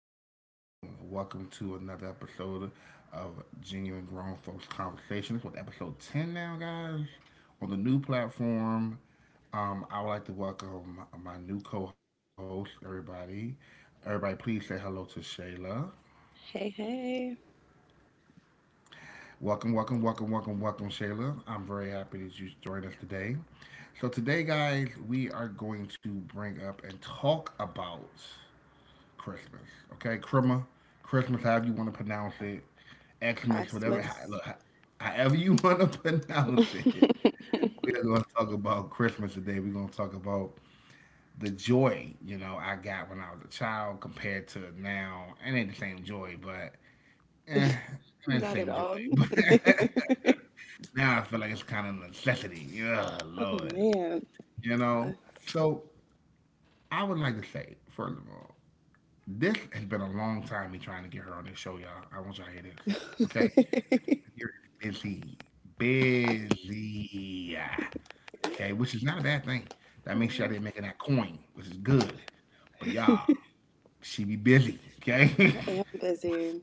Good afternoon. Welcome to another episode of Genuine Grown Folks Conversation. This is episode 10 now, guys, on the new platform. I would like to welcome my new co host, everybody. Everybody, please say hello to Shayla. Hey, hey. Welcome, welcome, welcome, welcome, welcome, Shayla. I'm very happy that you joined us today. So today, guys, we are going to bring up and talk about Christmas. Okay, Christmas, Christmas, however you want to pronounce it, Xmas, whatever. ho- Christmas. Look, ho- however you want to pronounce it, we are going to talk about Christmas today. We're going to talk about the joy I got when I was a child compared to now. It ain't the same joy, but eh, it ain't the Not at same joy. all. But now I feel like it's kind of a necessity. Yeah, Oh Lord, man. you know. I, So I would like to say, first of all, this has been a long time me trying to get her on this show, y'all. I want y'all to hear this. Okay? You're busy. Busy. Yeah. Okay? Which is not a bad thing. That means she out there making that coin, which is good. But y'all, she be busy. Okay? I am busy.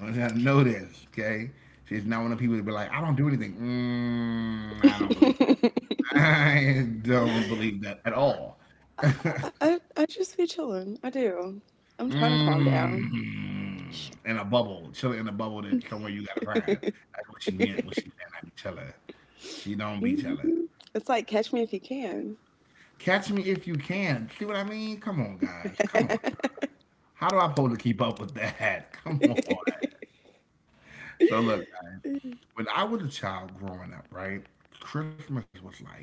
I want y'all to know this. Okay? She's not one of the people that be like, I don't do anything. Mm, I don't believe that. I, I don't believe that at all. I I just be chilling. I do. I'm trying to calm down. Mm. In a bubble, chilling in a bubble that somewhere you gotta find. That's what she meant when she said I be chilling. She don't be Hmm. chilling. It's like catch me if you can. Catch me if you can. See what I mean? Come on, guys. Come on. How do I supposed to keep up with that? Come on. So look, guys, when I was a child growing up, right? Christmas was like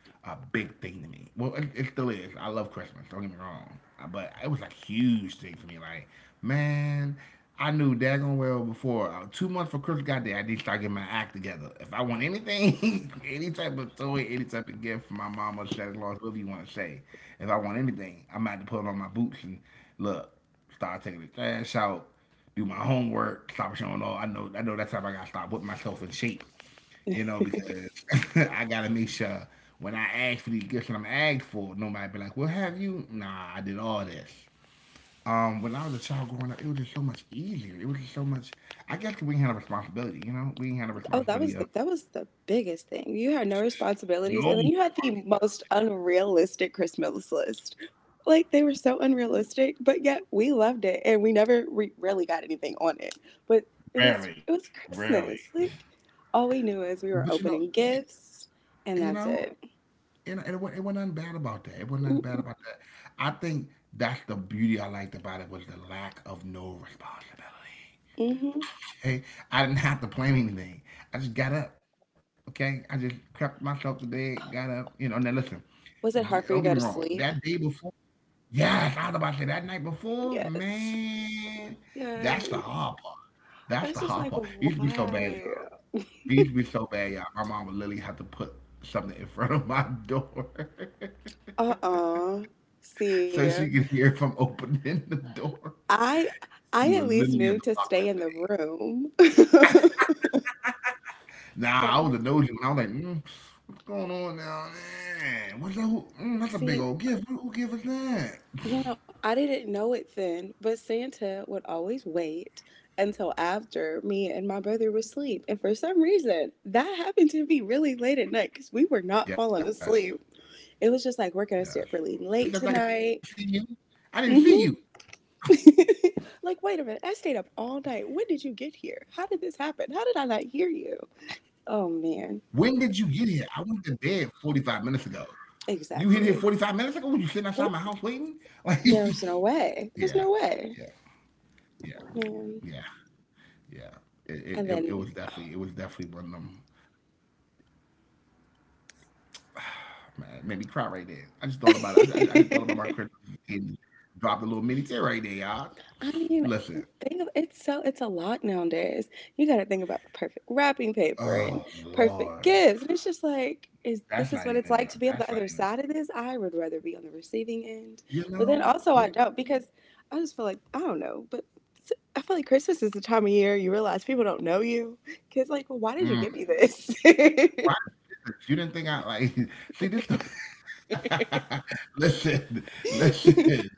a big thing to me. Well, it still is. I love Christmas. Don't get me wrong. But it was a huge thing for me. Like, man, I knew daggone well before 2 months before Christmas got there, I need to start getting my act together. If I want anything, any type of toy, any type of gift for my mama, Santa Claus, whoever you want to say, if I want anything, I'm gonna have to put on my boots and look, start taking the trash out, do my homework, stop showing off. I know that's how I gotta start putting myself in shape, you know, because I gotta make sure when I ask for these gifts that I'm asked for, nobody be like, "Well, have you?" Nah, I did all this. When I was a child growing up, it was just so much easier. It was just so much. I guess we didn't have a responsibility, you know. We didn't have a Oh, that responsibility was of the biggest thing. You had no responsibilities, no, and then you had the most unrealistic Christmas list. Like they were so unrealistic, but yet we loved it, and we never we really got anything on it. But it was rarely, it was rarely. Christmas. Like all we knew is we But you were know, opening gifts, and you that's know, it. you know, it wasn't nothing bad about that. It wasn't nothing bad about that. I think that's the beauty I liked about it, was the lack of no responsibility. Mm-hmm. Okay, I didn't have to plan anything. I just got up. Okay, I just crept myself to bed, got up. You know, now listen, Was don't it get me hard for you wrong. to go to That day sleep? before, yes, I was about to say that night before, Yes, man. That's the yes. hard part. That's I the was just hard like, part. It used to be so bad, why? y'all. It used to be so bad, y'all. My mom would literally have to put something in front of my door. Uh. See, So she could hear if I'm opening the door. I I She at would least literally knew have to to block. stay in the room. But Nah, I was a doji. You, I was like, mm, what's going on now? Man, what's that? Who, mm, that's a see, big old gift. Who gave us that? you know, I didn't know it then, but Santa would always wait until after me and my brother were asleep. And for some reason, Yes, that happened to be really late at yes, night because we were and that can not piss me falling off. asleep. That can It was piss just me like, we're off. going to Like, stay up man, you really don't get your late big behind none of these tonight. stuff. I can see you. I didn't Hmm. see you. Like, wait a minute, I stayed up all night. When did you get here? How did this happen? How did I not hear you? Oh, man. When did you get here? I went to bed 45 minutes ago. You hit here Exactly. 45 minutes ago? Were you sitting outside For- my house waiting? Like, There was no way. There's yeah, no way. yeah, yeah, Yeah. yeah, yeah. It, And it, it, then, it was definitely, it was definitely one of them. Man, it made me cry right there. I just thought about it. I I just, I just, thought about my credit and dropped a little mini tear right there, y'all. mean, Listen, think of it's so it's a lot nowadays. You got to think about the perfect wrapping paper and oh perfect Lord, gifts, and it's just like, is this is that's what not it's like even. to be A, on the that's other not even. A, side of this? I would rather be on the receiving end, you but then know, also yeah. I don't because I just feel like I don't know. But I feel like Christmas is the time of year you realize people don't know you. Kids like, well, why did you Mm, give me this? why did you do this? You didn't think I like. See this. The, listen, listen.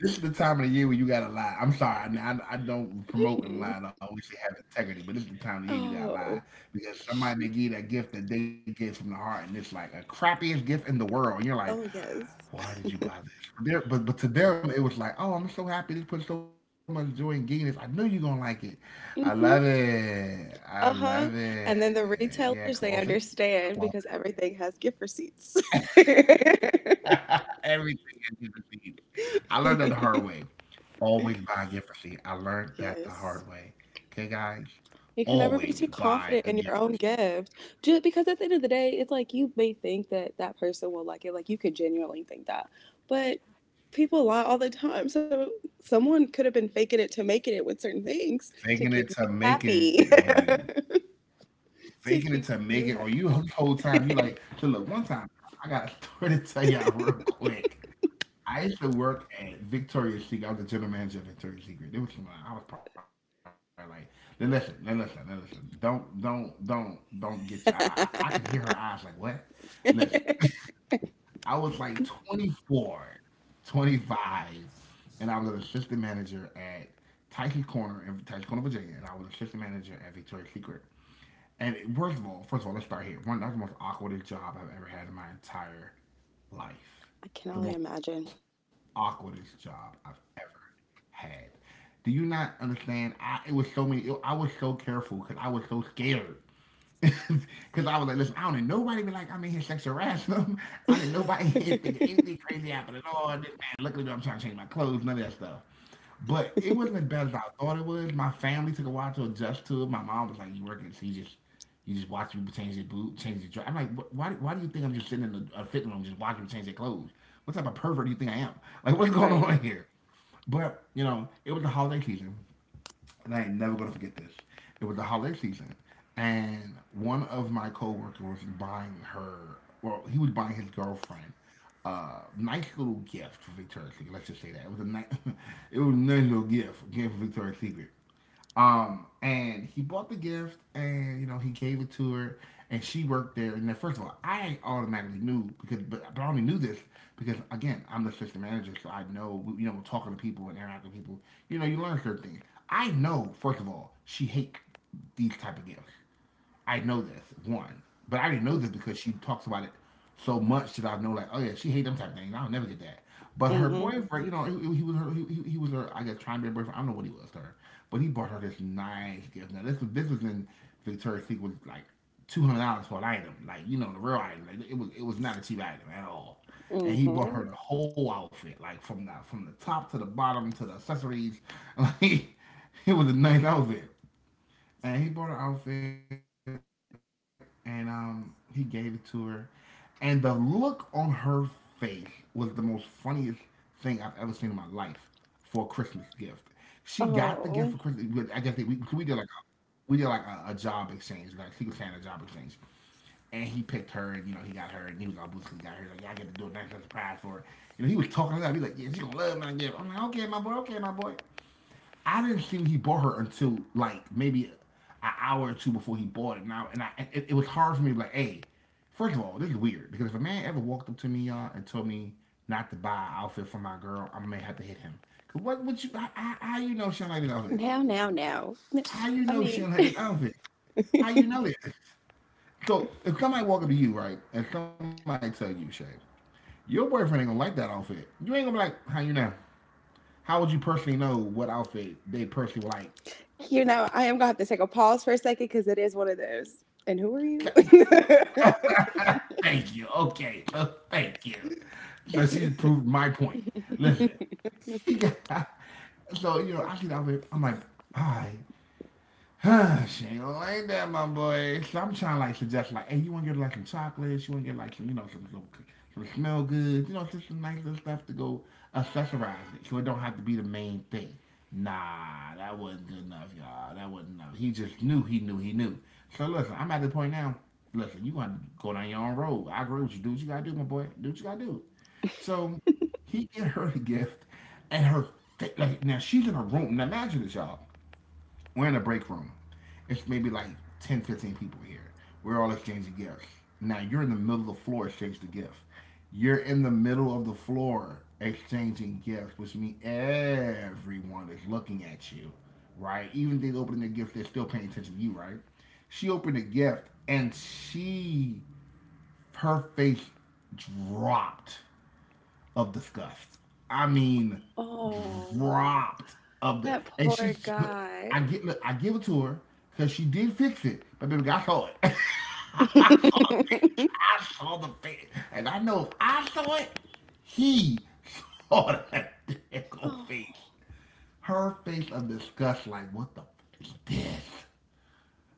This is the time of the year where you gotta lie. I'm sorry. I don't promote and lie. And I always say have integrity, but this is the time of the year you gotta lie Oh. because somebody may give you that gift that they get from the heart, and it's like a crappiest gift in the world. And you're like, Oh, yes. why did you buy this? There, but to them it was like, oh, I'm so happy they put so much joy in getting this. I knew you're gonna like it. I love Hmm. it. I love Uh-huh. it. And then the Yeah, retailers, closet, they closet, understand because everything has gift receipts. everything is gift receipts. I learned that the hard way. Always buy a gift receipt. I learned that the Yes. hard way. Okay, guys, You can never be too always confident buy in a your gift own receipt. gift. Just because at the end of the day, it's like you may think that that person will like it. Like you could genuinely think that. But people lie all the time. So someone could have been faking it to making it with certain things to keep Faking you it to making happy. it on you. to Faking it keep to make you it on you. The whole time you like. So look, one time I got a story to tell y'all real quick. I used to work at Victoria's Secret. I was the general manager of Victoria's Secret. It was something I was probably like, now listen, now listen, now listen. Don't get you. I can hear her eyes like, what? happy. Listen, I was like 24, 25, and I was an assistant manager at Tyson's Corner in Tyson's Corner, Virginia, and I was assistant manager at Victoria's Secret. And first of all, let's start here. One, that was the most awkwardest job I've ever had in my entire life. I can The only most imagine. awkwardest job I've ever had. Do you not understand? I it was so many. It, I was so careful because I was so scared. Because I was like, listen, I don't need nobody be like, I'm in here sexual harassing them. I need nobody in here thinking anything crazy happened at all. This man looking at me, I'm trying to change my clothes, none of that stuff. But it wasn't as bad as I thought it was. My family took a while to adjust to it. My mom was like, you working, so you just watch people change their boot, change their dress. I'm like, why do you think I'm just sitting in the, a fitting room just watching people change their clothes? What type of pervert do you think I am? Like, what's going Right. on here? But, you know, it was the holiday season and I ain't never gonna forget this. It was the holiday season, and one of my coworkers was buying her. Well, he was buying his girlfriend a nice little gift for Victoria's Secret. Let's just say that it was a nice, it was a nice little gift for Victoria's Secret. And he bought the gift, and you know he gave it to her, and she worked there. And then, first of all, I automatically knew because, but I only knew this because again, I'm the assistant manager, so I know you know talking to people and interacting with people. You know, you learn certain things. I know, first of all, she hates these type of gifts. I know this one, but I didn't know this because she talks about it so much that I know like, oh yeah, she hate them type of things. I'll never get that. But her Mm-hmm. boyfriend, you know, he was her, I guess, trying to be a boyfriend. I don't know what he was to her, but he bought her this nice gift. Now this was in Victoria's Secret, like $200 for an item, like you know, the real item. Like it was not a cheap item at all. And he bought her Mm-hmm. the whole outfit, like from the top to the bottom to the accessories. Like, it was a nice outfit, and he bought her outfit and he gave it to her, and the look on her face was the most funniest thing I've ever seen in my life. For a Christmas gift, she got the gift for Christmas. Oh. I guess we did like we did like a job exchange, like secret Santa job exchange. And he picked her, and you know he got her, and he was all boosted. He got her, like, yeah, I get to do a nice little surprise for her. You know, he was talking like that. He was like, yeah, she's gonna love my gift. I'm like, okay, my boy, okay, my boy. I didn't think he bought her until like maybe an hour or two before he bought it. Now, and it was hard for me to be like, hey, first of all, this is weird, because if a man ever walked up to me, y'all, and told me not to buy an outfit for my girl, I may have to hit him. Cause what would you? How you know she don't like this outfit? Now, now, now. How you I know she mean, don't like this outfit? How you know this? So if somebody walk up to you, right, and somebody tell you, Shay, your boyfriend ain't gonna like that outfit. You ain't gonna be like, how you know? How would you personally know what outfit they personally would like? you know, I am gonna have to take a pause for a second because it is one of those. And who are you? Thank you. Okay. Thank you. So she just proved my point. Listen, so you know, I see that. I'm like, all right, she ain't gonna like that, my boy. So I'm trying to like suggest like, hey, you wanna get like some chocolates? You wanna get like some, you know, some smell good? You know, just some nice little stuff to go accessorize it, so it don't have to be the main thing. Nah, that wasn't good enough, y'all. That wasn't enough. He just knew, he knew, he knew. So listen, I'm at the point now. Listen, you gonna go down your own road. I agree with you. Do what you gotta do, my boy. Do what you gotta do. So he get her the gift, and her like now she's in a room. Now imagine this, y'all. We're in a break room. It's maybe like 10, 15 people here. We're all exchanging gifts. Now you're in the middle of the floor exchanging the gift. You're in the middle of the floor exchanging gifts, which means everyone is looking at you, right? Even if they open their gift, they're still paying attention to you, right? She opened a gift and she her face dropped of disgust. I mean, Oh, dropped of the that and poor she. But I guy. get look, I give it to her because she did fix it. But baby, I saw it. I saw it. I saw the thing, and I know if I saw it, he saw that damn face. Oh, Her face of disgust, like what the f- is this?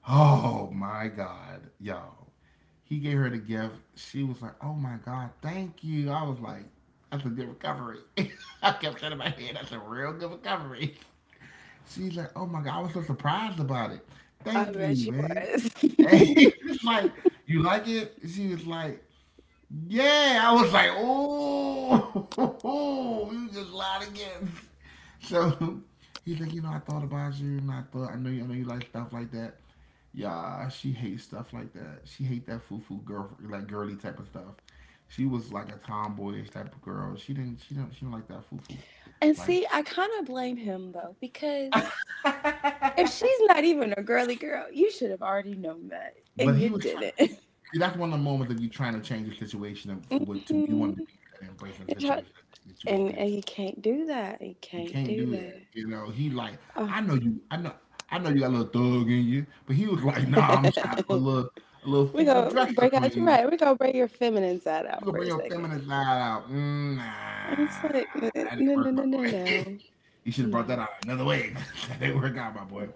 Oh my God, y'all. He gave her the gift. She was like, oh my God, thank you. I was like, that's a good recovery. I kept that in my head. That's a real good recovery. She's like, oh my God, I was so surprised about it. I Thank bet you, you babe. was. And he was like, you like it? She was like, yeah. I was like, oh, you just lied again. So he's like, you know, I thought about you, and I thought I know you like stuff like that. Yeah, she hates stuff like that. She hate that foo foo girl, like girly type of stuff. She was like a tomboyish type of girl. She didn't like that foo foo. And Like, see, I kind of blame him though because if she's not even a girly girl, you should have already known that, but and he you was. Try- didn't. that's one of the moments that you're trying to change the situation and for what to you wanted to be and embrace the and, try- situation that you walk and into. you can't do that. You You can't can't do do that. that. You know, he like, I know you, I know, I know you got a little thug in you, but he was like, nah, I'm trying to put Oh. A little We foo-foo go dress up break out. on you. Right, we go break your feminine side You out gonna for bring a your second. feminine side out. Mm, nah, And it's like no, that didn't no, work, no, my no, no, boy. no. You should have brought that No. out another way. That didn't work out, my boy.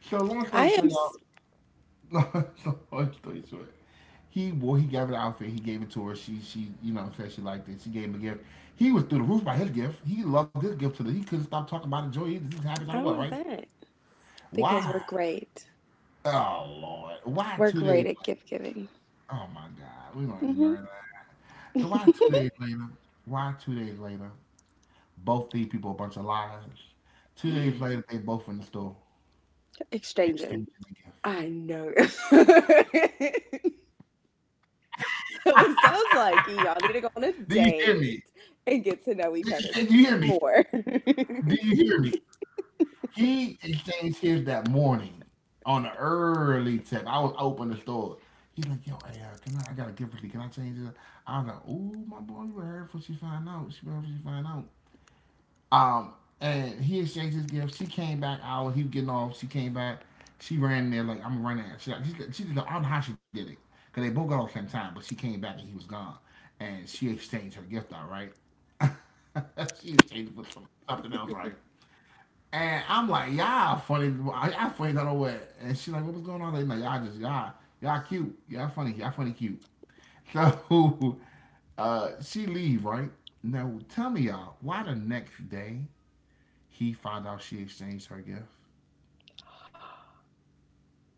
So long I story am. short, y'all. Long story short, he gave her the outfit. He gave it to her. She you know said she liked it. She gave him a gift. He was through the roof by his gift. He loved his gift to the. He couldn't stop talking about it. Joy. He was happy as I don't i know I'm what, a right? bet because Why? we're great. Oh Lord. Why We're 2 days great at later? gift giving. Oh my God. We're gonna Hmm. ignore that. So why 2 days later? Why 2 days later? Both these people a bunch of liars. 2 days later, they both in the store Exchanging. exchanging the I know. So it sounds like y'all need gift. to go on a Do you hear me? date and get to know Do each you other Can you hear me? more. Do you hear me? He exchanged his that morning on the early tip. I was open the store. He's like, yo, hey, I got a gift for you. Can I change it? I was like, ooh, my boy, you better hurry before she find out. She better hurry before she find out. Um, and he exchanged his gift. She came back out. He was getting off. She came back. She ran in there like I'm gonna run that. She I don't know how she did it, because they both got off at the same time. But she came back and he was gone. And she exchanged her gift out, right? She exchanged it for something else, right? And I'm like, y'all funny. Y'all funny I don't know what. And she's like, what was going on? Like, y'all cute. Y'all funny. Y'all funny cute. So she leave right now. Tell me, y'all, why the next day he found out she exchanged her gift.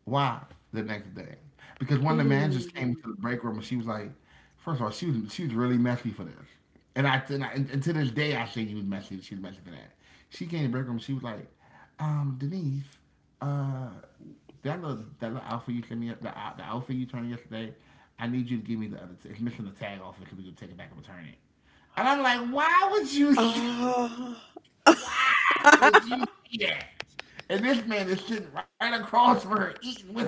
Why? The next day. Because one of the managers came Mm. to the break room and she was like, first of all, she was really messy for this. And and to this day I say you was messy, she was messy for that. She came to the break room, she was like, Denise, uh, that little outfit you sent me the, the outfit you turned yesterday, I need you to give me the other it's missing the tag off it so we can take it back and return it. And I'm like, why would you Oh. why would you do that? And this man is sitting right across from her eating with her.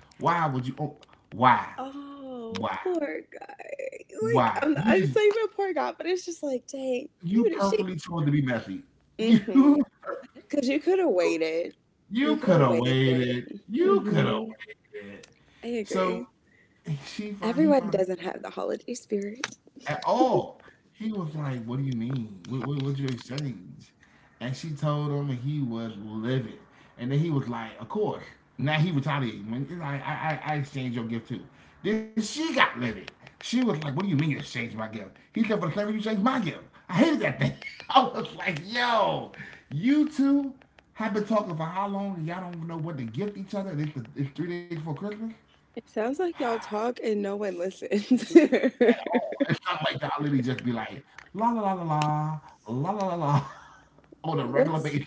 Why would you? Oh, why? Oh, Why? poor guy. Like, Why? You I didn't just say even a poor guy, but it's just like, dang, you you did she. perfectly chose to be messy. You Mm-hmm. Because you could have waited. you You could could have have waited. waited. You could have Mm-hmm. waited. I agree. So she found he Everyone found doesn't have the holiday spirit. at all. He was like, "What do you mean? What's your exchange?" And she told him, and he was livid. And then he was like, "Of course." Now he retaliating. When he's like, I exchanged your gift too. Then she got livid. She was like, "What do you mean you exchanged my gift?" He said, "For the same reason you changed my gift. I hated that thing." I was like, "Yo, you two have been talking for how long? Y'all don't know what to gift each other. It's 3 days before Christmas." It sounds like y'all talk and no one listens. At all. It's not like that. I literally just be like la la la la la la la la la on a regular What's basis.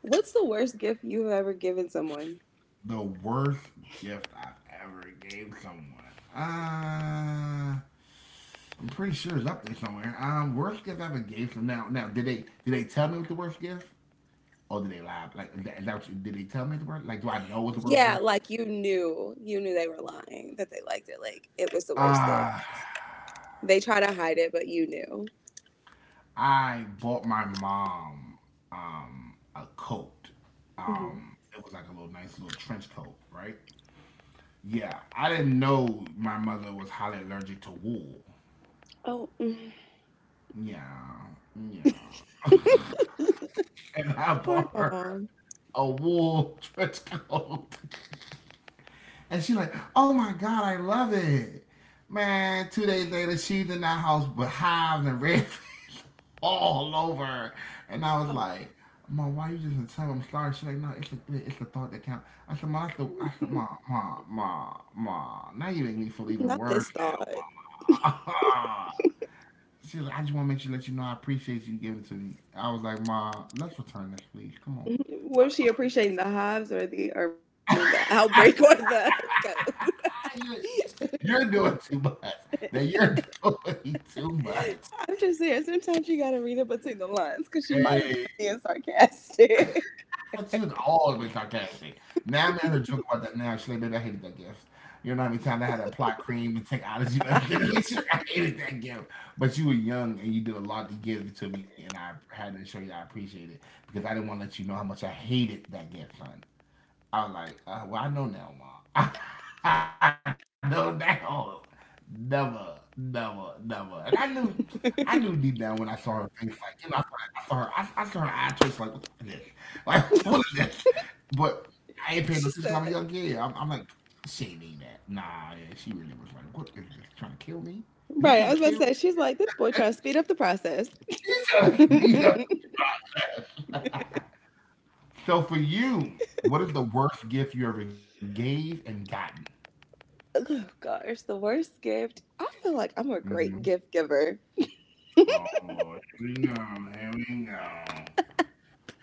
What's the worst gift you've ever given someone? The worst gift I've ever gave someone. Uh, I'm pretty sure it's up there somewhere. Worst gift I ever gave them. Now, now, did they tell me what the worst gift, or did they lie? Like, is that what you, did they tell me the worst? Like, do I know what's the worst Yeah, gift? like you knew they were lying, that they liked it. Like it was the worst Uh, gift. They try to hide it, but you knew. I bought my mom a coat. Mhm. It was like a little nice little trench coat, right? Yeah, I didn't know my mother was highly allergic to wool. Oh. Yeah, yeah. And I Poor bought her mom. a wool trench coat. And she like, oh my God, I love it. Man, 2 days later, she's in that house with hives and red face all over. And I was Oh, like, Mom, why you just didn't tell me I'm sorry? She's like, no, it's the thought that counts. I said, Mom, that's the, I said, Mom. Now you make me feel even not this worse thought. now, Mom. She's like, I just want to make sure let you know I appreciate you giving to me. I was like, Ma, let's return this, please. Come on. Was she appreciating the hives or the, or I mean, the I'm sorry. outbreak or the code? You're doing too much. That you're doing too much. I'm just saying, sometimes you gotta read it between the lines because she might have Hey, been being sarcastic. she was always sarcastic. Now I'm at her joke about that now. She's like, baby, I hated that gift. You know how many times I had that plot cream and take out of you? I hated that gift. But you were young and you did a lot to give it to me, and I had to show you I appreciate it because I didn't want to let you know how much I hated that gift, son. I was like, well, I know now, mom. I know now. Never, never, never. And I knew deep down when I saw her face, like, you know, I saw her eye twitch, like, what the fuck is this? Like, what is this? But I ain't paying no attention because She I'm a young said, kid. I'm like, she ain't mean that. Nah, yeah, she really was like, what is this? Trying to kill me? Is he right. trying I to was about kill to me? say, she's like, this boy trying to speed up the process. He's trying to beat up. Oh, so for you, what is the worst gift you ever gave and gotten? gosh, the worst gift. I feel like I'm a Mm-hmm. great gift giver. Oh Lord, here we go, here we go,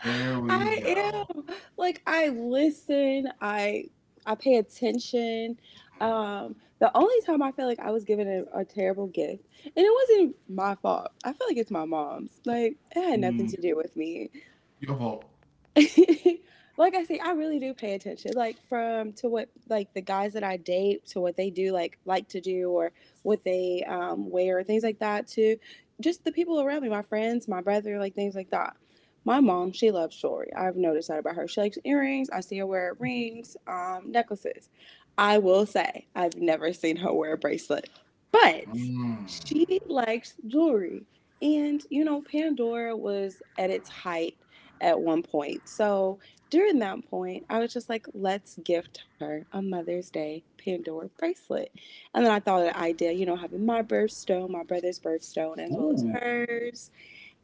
here we I go. am. Like I listen, I pay attention. The only time I feel like I was given a terrible gift, and it wasn't my fault. I feel like it's my mom's. Like it had nothing to Mm, do with me. your fault. Like I say, I really do pay attention. Like from to what like the guys that I date to what they do like to do or what they wear, things like that, to just the people around me, my friends, my brother, like things like that. My mom, she loves jewelry. I've noticed that about her. She likes earrings. I see her wear rings, necklaces. I will say I've never seen her wear a bracelet, but Mm. she likes jewelry. And you know, Pandora was at its height at one point. So during that point, I was just like, let's gift her a Mother's Day Pandora bracelet. And then I thought of the idea, you know, having my birthstone, my Ooh, brother's birthstone, as well as hers.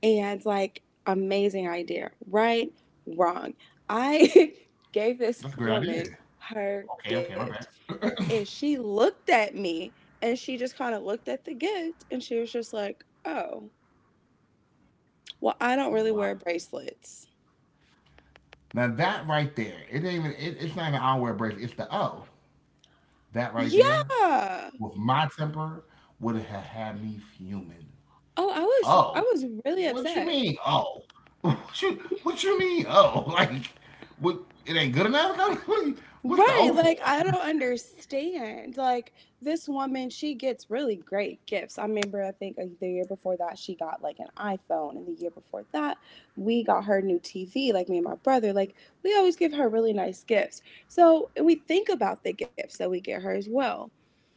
And like, amazing idea. Right? Wrong. I that's a great gave this idea. woman Okay, okay, my her bad. gift, and she looked at me and she just kind of looked at the gift and she was just like, oh, well, I don't What? really wear bracelets. Now that right there, it ain't even. It's not even our wear bracelet. It's the O. That right there, Yeah. with my temper, would have had me fuming. Oh, I was Oh, really what you upset. mean? Oh, what you mean? Oh, like what? It ain't good enough. What? What's the Right, O like for? I don't understand. Like this woman, she gets really great gifts. I remember I think the year before that she got like an iPhone, and the year before that we got her new TV, like me and my brother. Like we always give her really nice gifts. So, and we think about the gifts that we get her as well.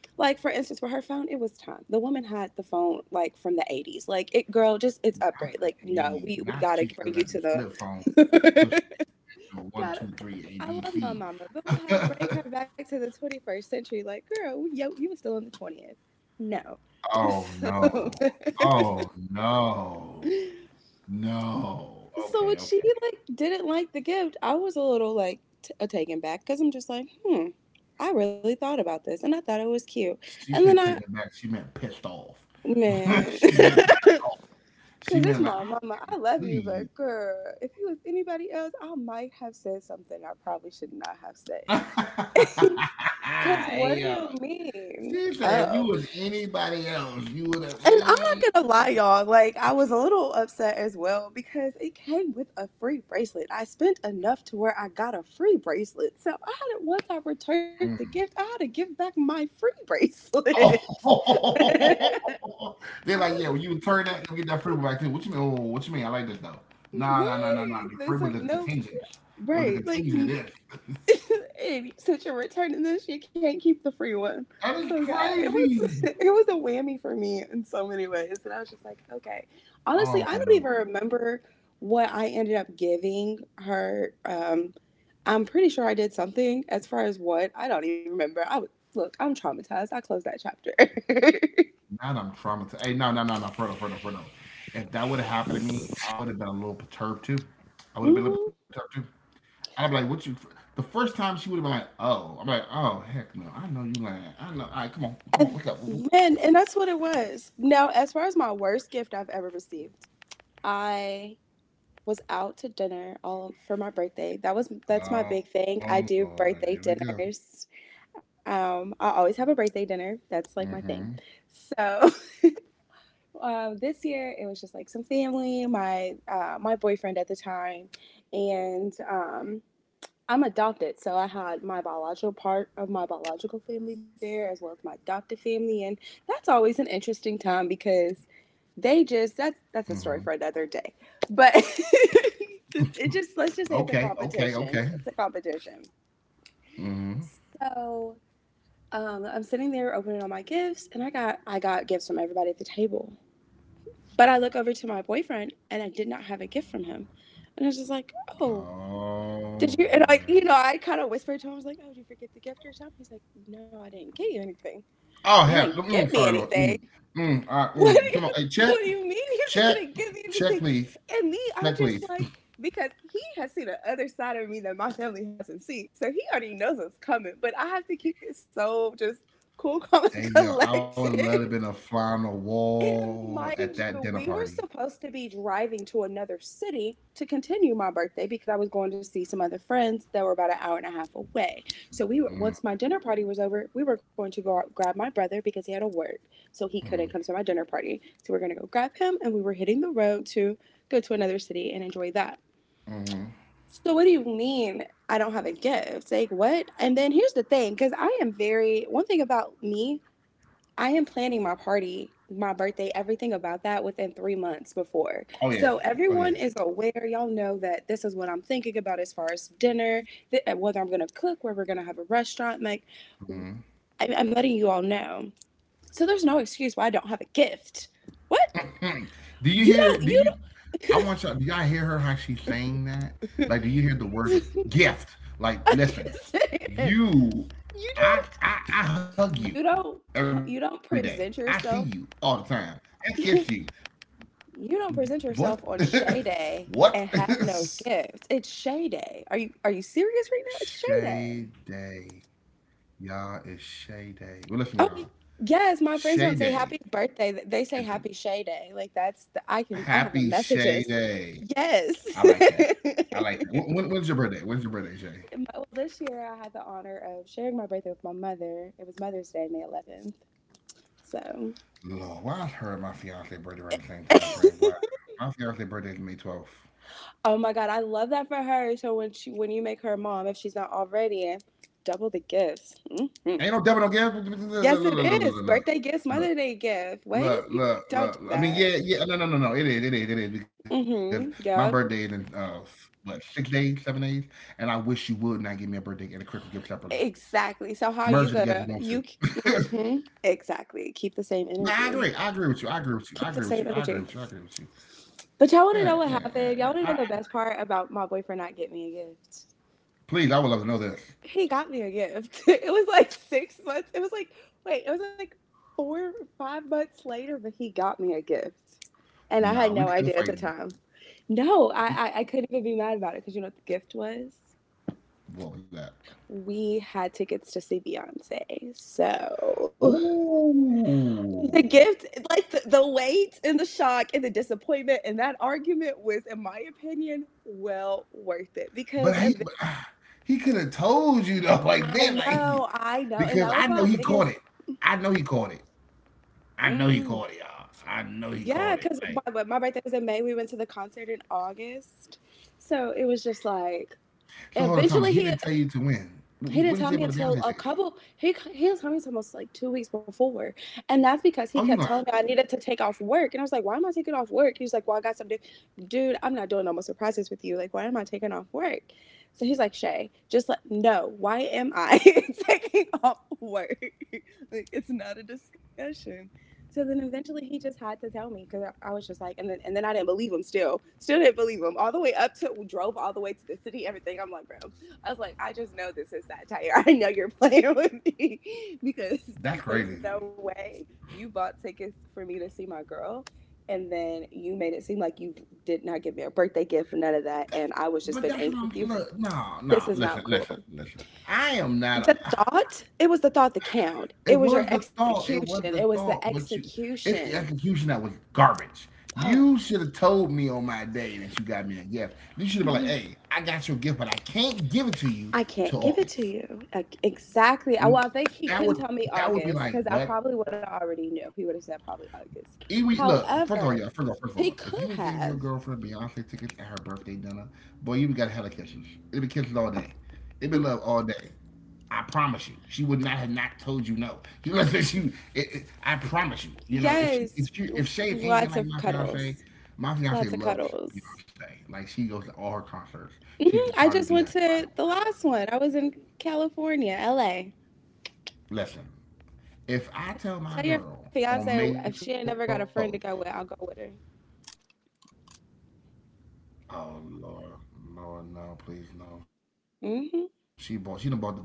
Like for instance, for her phone, it was time. The woman had the phone like from the 80s. Like it girl, just it's Not upgrade. the Like no, 80s. we Not got to she still bring you got the to flip phone pushing the you one, got it. two, three, A, I B, love my C. mama, but we had to break her back to the 21st century. Like, girl, yo, you were still in the 20th. No. oh So, no. Oh no. No. so Okay, when she okay. like didn't like the gift, I was a little like taken back because I'm just like, hmm, I really thought about this and I thought it was cute. And She then said I, take it back. She meant pissed off. man, she because meant she it's meant like I my mama. I can't love you, believe you. but girl, if you was anybody else, I might have said something I probably should not have said. 'Cause what do hey you yo. mean? She said if Oh, you was anybody else, you would have and I'm mm, not gonna lie, y'all. Like I was a little upset as well because it came with a free bracelet. I spent enough to where I got a free bracelet. So I had to, once I returned the gift, I mm. had to give back my free bracelet. Oh, I they're like, was yeah, when you return that, you'll get that free will back too. What you mean? Oh, what you mean? I like this though. Nah, nah, nah, nah, nah. Right. The There's free so was a no contingent. It was a Right. Contingent of this. And since you're returning this, you can't keep the free one. That is So yeah, it was crazy. it was a whammy for me in so many ways. And I was just like, okay. Honestly, Oh I don't even no. remember what I ended up giving her. I'm pretty sure I did something. As far as what, I don't even remember. I was look, I'm traumatized. I closed that chapter. Now that I'm traumatized. Hey, no, no, no, no, further, further, further. If that would have happened to me, I would have been a little perturbed too. I would have been a little Hmm. perturbed too. I'd be like, what you the first time she would have been like, oh. I'm like, oh heck no. I know you lying. I know. All right, come on. Come on, And what's up? Oh Man, and that's what it was. Now, as far as my worst gift I've ever received, I was out to dinner all for my birthday. That's my big thing. I Lord, do here we go. birthday dinners. I always have a birthday dinner. Mm-hmm. That's like my thing. So this year it was just like some family, my my boyfriend at the time, and I'm adopted. So I had my biological part of my biological family there, as well as my adopted family, and that's always an interesting time because they just that's a story Hmm. for another day, but it just, let's just say it's a Okay, okay, competition, okay. it's a competition. Hmm. So I'm sitting there opening all my gifts, and I got gifts from everybody at the table, but I look over to my boyfriend and I did not have a gift from him, and I was just like, oh, Oh did you, and I, Lord. you know, I kind of whispered to him. I was like, oh, did you forget the gift or something? He's like, no, I didn't get you anything. You Oh didn't have. get Mm, me sorry, Lord. anything? Mm, mm, all right, mm. Come on. What do you mean you check, didn't give me check, anything? please. And me, I'm Check, just please. like, because he has seen the other side of me that my family hasn't seen. So he already knows what's coming, but I have to keep it so just cool, calm, and Hey, yo, I would love to have collected. been a fly on the And Mind wall at you, that we dinner were party. supposed to be driving to another city to continue my birthday because I was going to see some other friends that were about an hour and a half away. So we were, once Mm, my dinner party was over, we were going to go out, grab my brother because he had to work, so he couldn't come to mm, my dinner party. So we are going to go grab him, and we were hitting the road to go to another city and enjoy that. hmm. So what do you mean I don't have a gift? Like what? And then here's the thing, because I am very one thing about me I am planning my party, my birthday, everything about that within 3 months before. Oh yeah. So Oh yeah. everyone is aware. Y'all know that this is what I'm thinking about as far as dinner, whether I'm going to cook, where we're going to have a restaurant. Like, Mm-hmm. I'm letting you all know. So there's no excuse why I don't have a gift. What? Honey, do you hear? Do You you? I want y'all. Do y'all hear her? How she's saying that? Like, do you hear the words of don't, gift? Like, I'm listen, just saying, you, you don't, I hug you every day. I you see don't you present all the yourself time. I kiss you. you You don't present What? yourself on Shay Day and what? have no gifts. It's Shay Day. Are you serious right now? It's Shay Day. Shay Day, y'all is Shay Day. Oh Well, listen, y'all. yes, my friends don't say Shay happy Day birthday. They say is happy Shay Day. Like that's the, I can a I have the happy messages. Shay Day. Yes. I like that. I like that. When's your birthday? When's your birthday, Shay? Well, this year I had the honor of sharing my birthday with my mother. It was Mother's Day, May 11th. So, Lord, why is her and my fiance birthday around the same time frame? Why? My fiance birthday is May 12th. oh my God, I love that for her. So when you make her mom, if she's not already, double the gifts. Hmm Ain't no double no gas. Look, look, look, look, Yes, look, it look, is. look, look, Birthday gifts, Mother Day gift. Wait, look, you, look, don't do look, look. I mean, that. yeah, yeah. No, no, no, no. It is, it is, it is. Because my Mm-hmm. birthday is in, Yep. What, 6 days, 7 days? And I wish you would not give me a birthday and a Christmas gift separately. Exactly. So how Merge it you together if you gonna want to. you? Mm-hmm. Exactly. Keep No, the I same agree. I agree with energy. you. I agree with you. I agree with you. I Keep the agree with you. same I agree with energy. you. But Yeah, y'all want to yeah, know what yeah, yeah. I, happened? Y'all want to know the best part about my boyfriend not getting me a gift? please, I would love to know this. He got me a gift. It was like 6 months. It was like wait, it was like 4 or 5 months later, but he got me a gift, and I had Nah, we no could idea at fight. the time. No, I We could, I, I couldn't even be mad about it because you know what the gift was. what was that? We had tickets to see Beyonce, so the Ooh, gift, like the weight and the shock and the disappointment and that argument was, in my opinion, well worth it but because he but, ah, he could have told you though, like then, like I know, and because that I was know my he caught biggest. it. I know he caught it. I know he Mm, caught it, y'all. I know he Yeah, caught it. because Like my birthday was in May. We went to the concert in August. So it was just like, so, hold on, time. eventually He didn't tell you to win. he didn't What did he tell say me about the until Beyonce a ticket? couple. He didn't tell me until almost like 2 weeks before, and that's Oh, because you he lying? kept telling me I needed to take off work, and I was like, "Why am I taking off work?" He's like, "Well, I got something, dude. I'm not doing no more surprises with you. Like, why am I taking off work?" So he's like, "Shay, just let no. Why am I taking off work? like, it's not a discussion." So then eventually he just had to tell me because I was just like, and then I didn't believe him. Still didn't believe him all the way up to drove all the way to the city. Everything. I'm like, bro I was like, I just know this is satire. I know you're playing with me because That's there's crazy. no way you bought tickets for me to see my girl. And then you made it seem like you did not give me a birthday gift, none of that. That And I was just but been that's what angry with I'm. you. Look, no, This no. is not Listen, listen, cool. listen. I am not. A. The thought, it was the thought that counted. It It was your was the thought. It execution. was It the was the thought. But you, it's the execution. execution that was garbage. Oh, You should have told me on my day that you got me a gift. You should have been like, yeah. "Hey, I got you a gift, but I can't give it to you I can't till give it to August." you. Like, exactly. I- And Well, I think he that couldn't would tell me that would be August like, because I "What? probably would have already knew if he would have said probably August. It look, first of all, However, yeah, first of all, he look, if you could would have gave your have. girlfriend Beyonce tickets at her birthday dinner, boy, you would have got hella kisses. It'd be kisses all day. It'd be love all day. I promise you, she would not have not told you no. You know, she, I promise you, you know, Yes. If Shade Lots anything of like cuddles. My Lots fiance of loves cuddles. Beyonce. Like she goes to all her concerts. She's Hmm probably I be just her went spot to on the herself. last one. I was in California, LA. Listen, if I tell my Tell your girl on fiance May if she twelfth. ain't never got a friend to go with, I'll go with her. Oh Lord, Lord, no, please, no. She done bought the boots and everything. The last cowboy college Hmm tour and all that. Listen,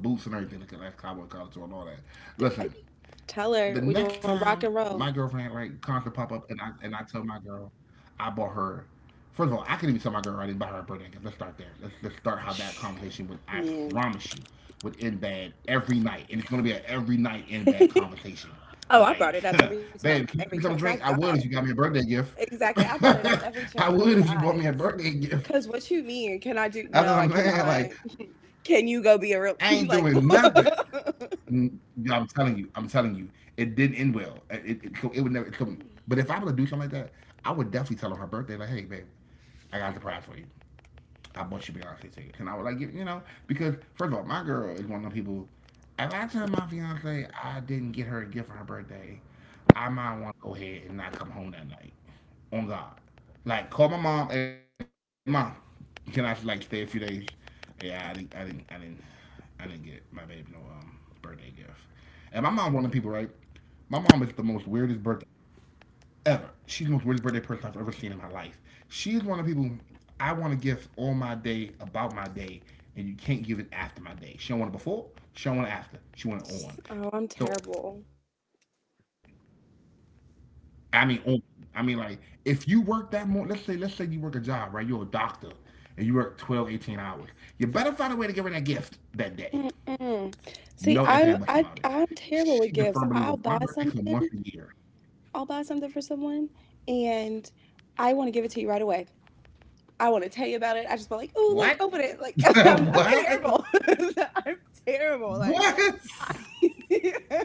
the next time my girlfriend right Tell concert her pop we're up doing rock and and I tell roll. my girl, I bought her. First of all, I couldn't even tell my girl I didn't buy her a birthday gift. Let's start there. Let's start how that conversation would. I promise you, would end bad every Man. night, and it's gonna be an every night end bad conversation. Like, Oh, babe, can you give me some I drink? I brought it would up if you every got me a time, birthday every gift. chance I got. I would if you Exactly. I bought me a brought it up birthday every gift. chance I got. That's Cause what what I'm you saying. mean? Like, Can I do? No, I cannot. I ain't Can you go doing be a real nothing. like? Mm, yeah, I'm telling you. I'm telling you. It didn't end well. So it would never. So, Oh, but if I were to do something like that, I would definitely tell her her birthday, like, hey, babe, I got a surprise for you. I bought you Beyonce tickets, and I would like you know because first of all, my girl is one of them people. If I tell my fiance I didn't get her a gift for her birthday, I might want to go ahead and not come home that night. On God, like call my mom. Hey mom, can I like stay a few days? Yeah, I didn't get my babe no birthday gift. And my mom one of the people, right? My mom is the most weirdest birthday ever. She's the most worthy birthday person I've ever seen in my life. She's one of the people I want to gift on my day, about my day, and you can't give it after my day. She don't want it before, she don't want it after. She want it on. I'm So terrible. I mean on. I mean like if you work that more let's say you work a job, right? You're a doctor and you work 12, 18 hours. You better find a way to give her that gift that day. No ifs Mm-mm. and buts about See, it. I I She's a I'm firm terrible believer. with My gifts. birthday I'll comes once buy a year. something. I'll buy something for someone, and I want to give it to you right away. I want to tell you about it. I just be like, What? oh look, open it. Like I'm what? terrible. I'm terrible. What? Like I.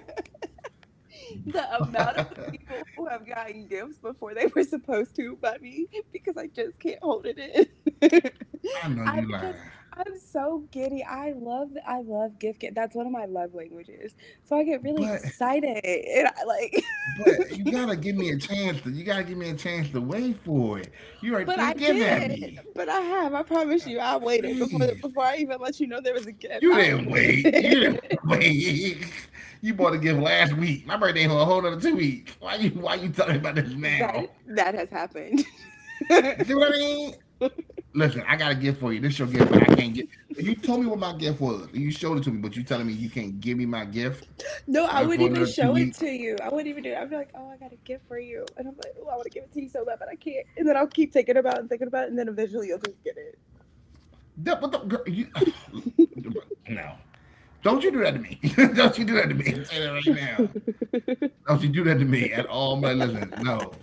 The amount What? of people who have gotten gifts before they were supposed to by me because I just can't hold it in. I know you I lying, because I'm so giddy. I love gift get. That's one of my love languages. So I get really but excited and I like. but you gotta give me a chance. You gotta give me a chance to wait for it. You already But threw I the gift at did. me. But I have. I promise you. Like, I waited before crazy. before I even let you know there was a gift. You I didn't wait. You didn't waited. wait. You bought a gift last week. My birthday for a whole other 2 weeks. Why you telling me about this That now? that has happened. You see what I mean? Listen, I got a gift for you. This your gift, but I can't get. You told me what my gift was. You showed it to me, but you telling me you can't give me my gift No, I wouldn't for even another two show it to weeks. you. I wouldn't even do it. I'd be like, oh, I got a gift for you. And I'm like, oh, I want to give it to you so bad, but I can't. And then I'll keep thinking about it, and then eventually you'll just get That, what the girl? You, no. Don't you do that to me. Don't you do that to me. I'm saying that right now. it. Don't you do that to me at all. I'm like, listen, no,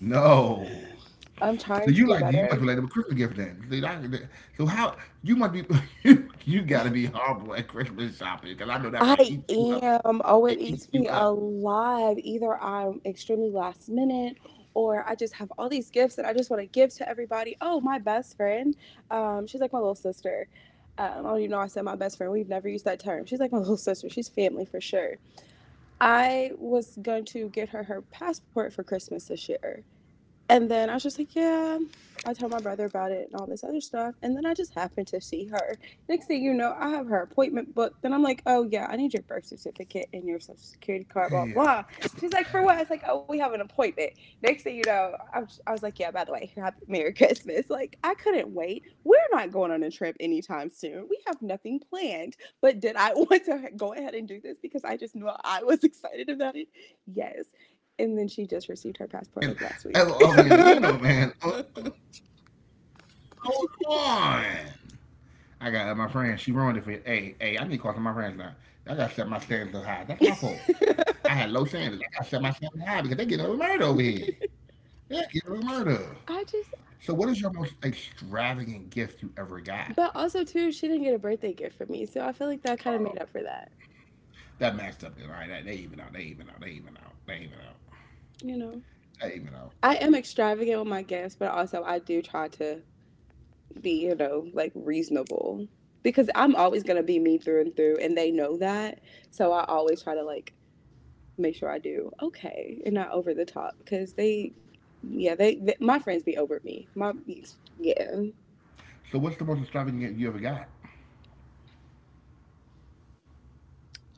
no. I'm trying So to you do like you better. must be like a Christmas gift then. So how you must be you got to be horrible at Christmas shopping because I know that probably I eats you up. am. Oh, it It eats eats you me up. alive. Either I'm extremely last minute or I just have all these gifts that I just want to give to everybody. Oh, my best friend. She's like my little sister. I don't even know I said my best friend. We've never used that term. She's like my little sister. She's family for sure. I was going to get her her passport for Christmas this year. And then I was just like, yeah. I told my brother about it and all this other stuff. And then I just happened to see her. Next thing you know, I have her appointment booked. Then I'm like, oh, yeah, I need your birth certificate and your social Hey yo, security card, blah, blah. hey She's like, for what? It's like, oh, we have an appointment. Next thing you know, I was like, yeah, by the way, happy, Merry Christmas. Like, I couldn't wait. We're not going on a trip anytime soon. We have nothing planned. But did I want to go ahead and do this because I just knew I was excited about yo. it? Ain't none of Yes. my friends And then she ever just offer me a received her meal, passport like man. last week. uh, I Hold on. I got my friend. She ruined it for you. Hey hey. I need to call some of my friends now. I gotta set my standards up high. That's my fault. I had low standards. I gotta set my standards up high because they getting away with murder over here. They getting away with murder. So what just, is your most extravagant gift you ever got? but also too, she didn't get a birthday gift for me, so I feel like that kind of made up for that. That matched up. Right? They even out. They even out. They even out. They even out. You know, They even out. I am extravagant with my gifts, but also I do try to be, you know, like reasonable because I'm always gonna be me through and through, and they know that. So I always try to like make sure I do okay and not over the top because they, yeah, they my friends be over me. My yeah. So what's the most extravagant gift you ever got?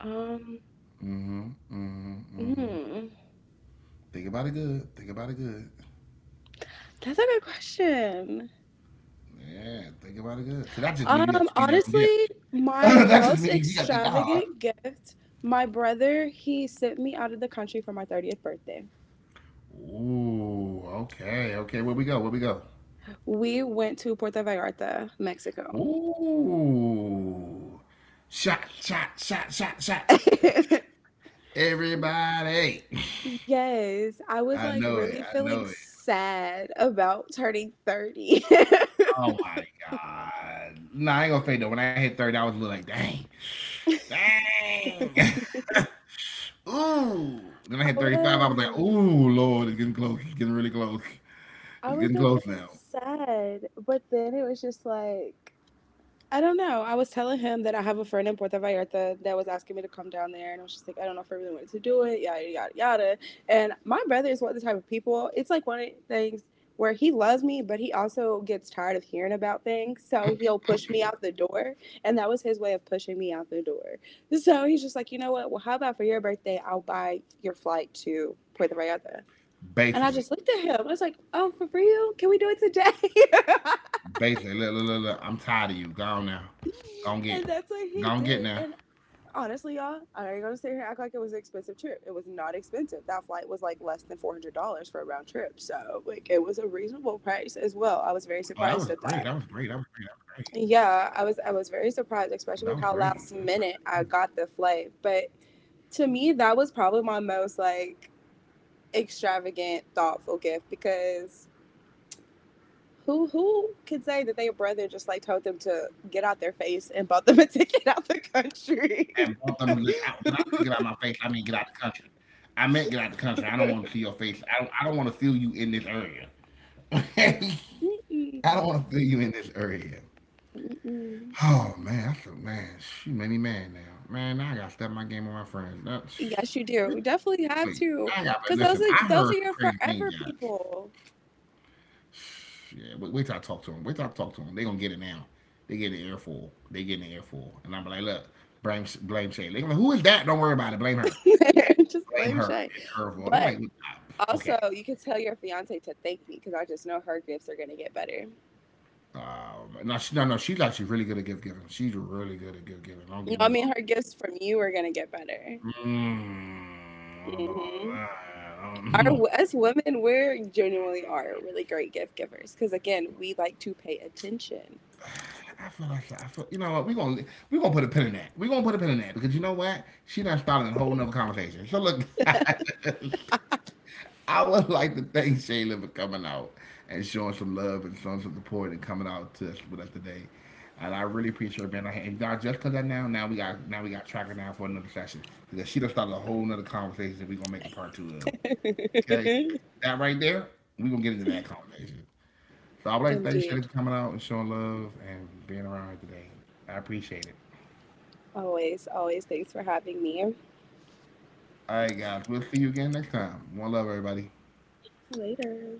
Um, Mm-hmm. Mm-hmm. Mm-hmm. mm, Think about it good. Think about it good. that's a good question. Yeah, think about it good. So that just means you got to be that on gift. Honestly, my That just most means you got to be dog. extravagant gift, my brother, he sent me out of the country for my 30th birthday. Ooh, okay, okay. Where we go? Where we go? We went to Puerto Vallarta, Mexico. Ooh. Shot, shot, shot, shot, shot. Everybody. Yes, I was I like know it. really I feeling know it. sad about turning 30. I Oh my God. Nah, I ain't gonna fake though. When I hit third, I was a little like, dang. Dang. Ooh. Then I hit 35. I was like, was. ooh, Lord, it's getting close. It's getting really close. I It's was getting a close bit now. sad, but then it was just like I don't know. I was telling him that I have a friend in Puerto Vallarta that was asking me to come down there, and I was just like, I don't know if I really wanted to do it, yada yada yada. And my brother is one of the type of people. It's like one of the things where he loves me, but he also gets tired of hearing about things, so he'll push me out the door, and that was his way of pushing me out the door. So he's just like, you know what? Well, how about for your birthday, I'll buy your flight to Puerto Vallarta. And I Basically. just looked at him. I was like, "Oh, for real? Can we do it today?" Basically. Look, look, look, look. I'm tired of you. Go on now. Go on get. And that's what Go he on get did. now. And honestly, y'all, I ain't gonna sit here and act like it was an expensive trip. It was not expensive. That flight was like less than $400 for a round trip, so like it was a reasonable price Oh, as that was well. I great. was That very was great. That was surprised at great. that. Yeah, I was That very was great. That surprised, was great. That's especially not with how bad. last minute I got the flight. But to me, that was probably my most like extravagant, thoughtful gift because. Who could say that their brother just like told them to get out their face and bought them a ticket out the country? And both of them, like, I, when I say get out my face, I mean get out the country. I meant get out the country. I don't want to see your face. I don't. I don't want to feel you in this area. I Mm-mm. don't want to feel you in this area. Mm-mm. Oh man, that's a man. She made me mad now. Man, now I gotta step my game with my friends. That's Yes, you do. wait, Definitely have wait. to, I gotta because listen. I those heard are some your crazy things, forever guys. people. Yeah, wait, wait till I talk to them. Wait till I talk to them. They gonna get it now. They get an airful. They get an airful, and I'm like, look, blame Shay. They gonna who is that? Don't worry about it. Blame her. Just Blame lame her. Shay. It's her fault. I'm But like, ah, okay. also, you can tell your fiance to thank me because I just know her gifts are gonna get better. No, no. She's actually really good at gift giving. She's really good at gift giving. Don't You get know, me I wrong. mean, her gifts from you are gonna get better. Mm. Hmm Our as women, we genuinely are really great gift givers because again, we like to pay attention. I feel like I feel. You know what? We gonna put a pin in that. We gonna put a pin in that because you know what? She not starting a whole nother conversation. So look. I would like to thank Shayla for coming out and showing some love and showing some support and coming out to us with us today. And I really appreciate her being here. And now, just because I now, now we got tracker now for another session because she done started a whole nother conversation that we're gonna make a part two of. Okay, that right there, we're gonna get into that conversation. So I would like to thank Indeed, Shayla for coming out and showing love and being around here today. I appreciate it. always, always. Thanks for having me. All right, guys, we'll see you again next time. One love, everybody. Later.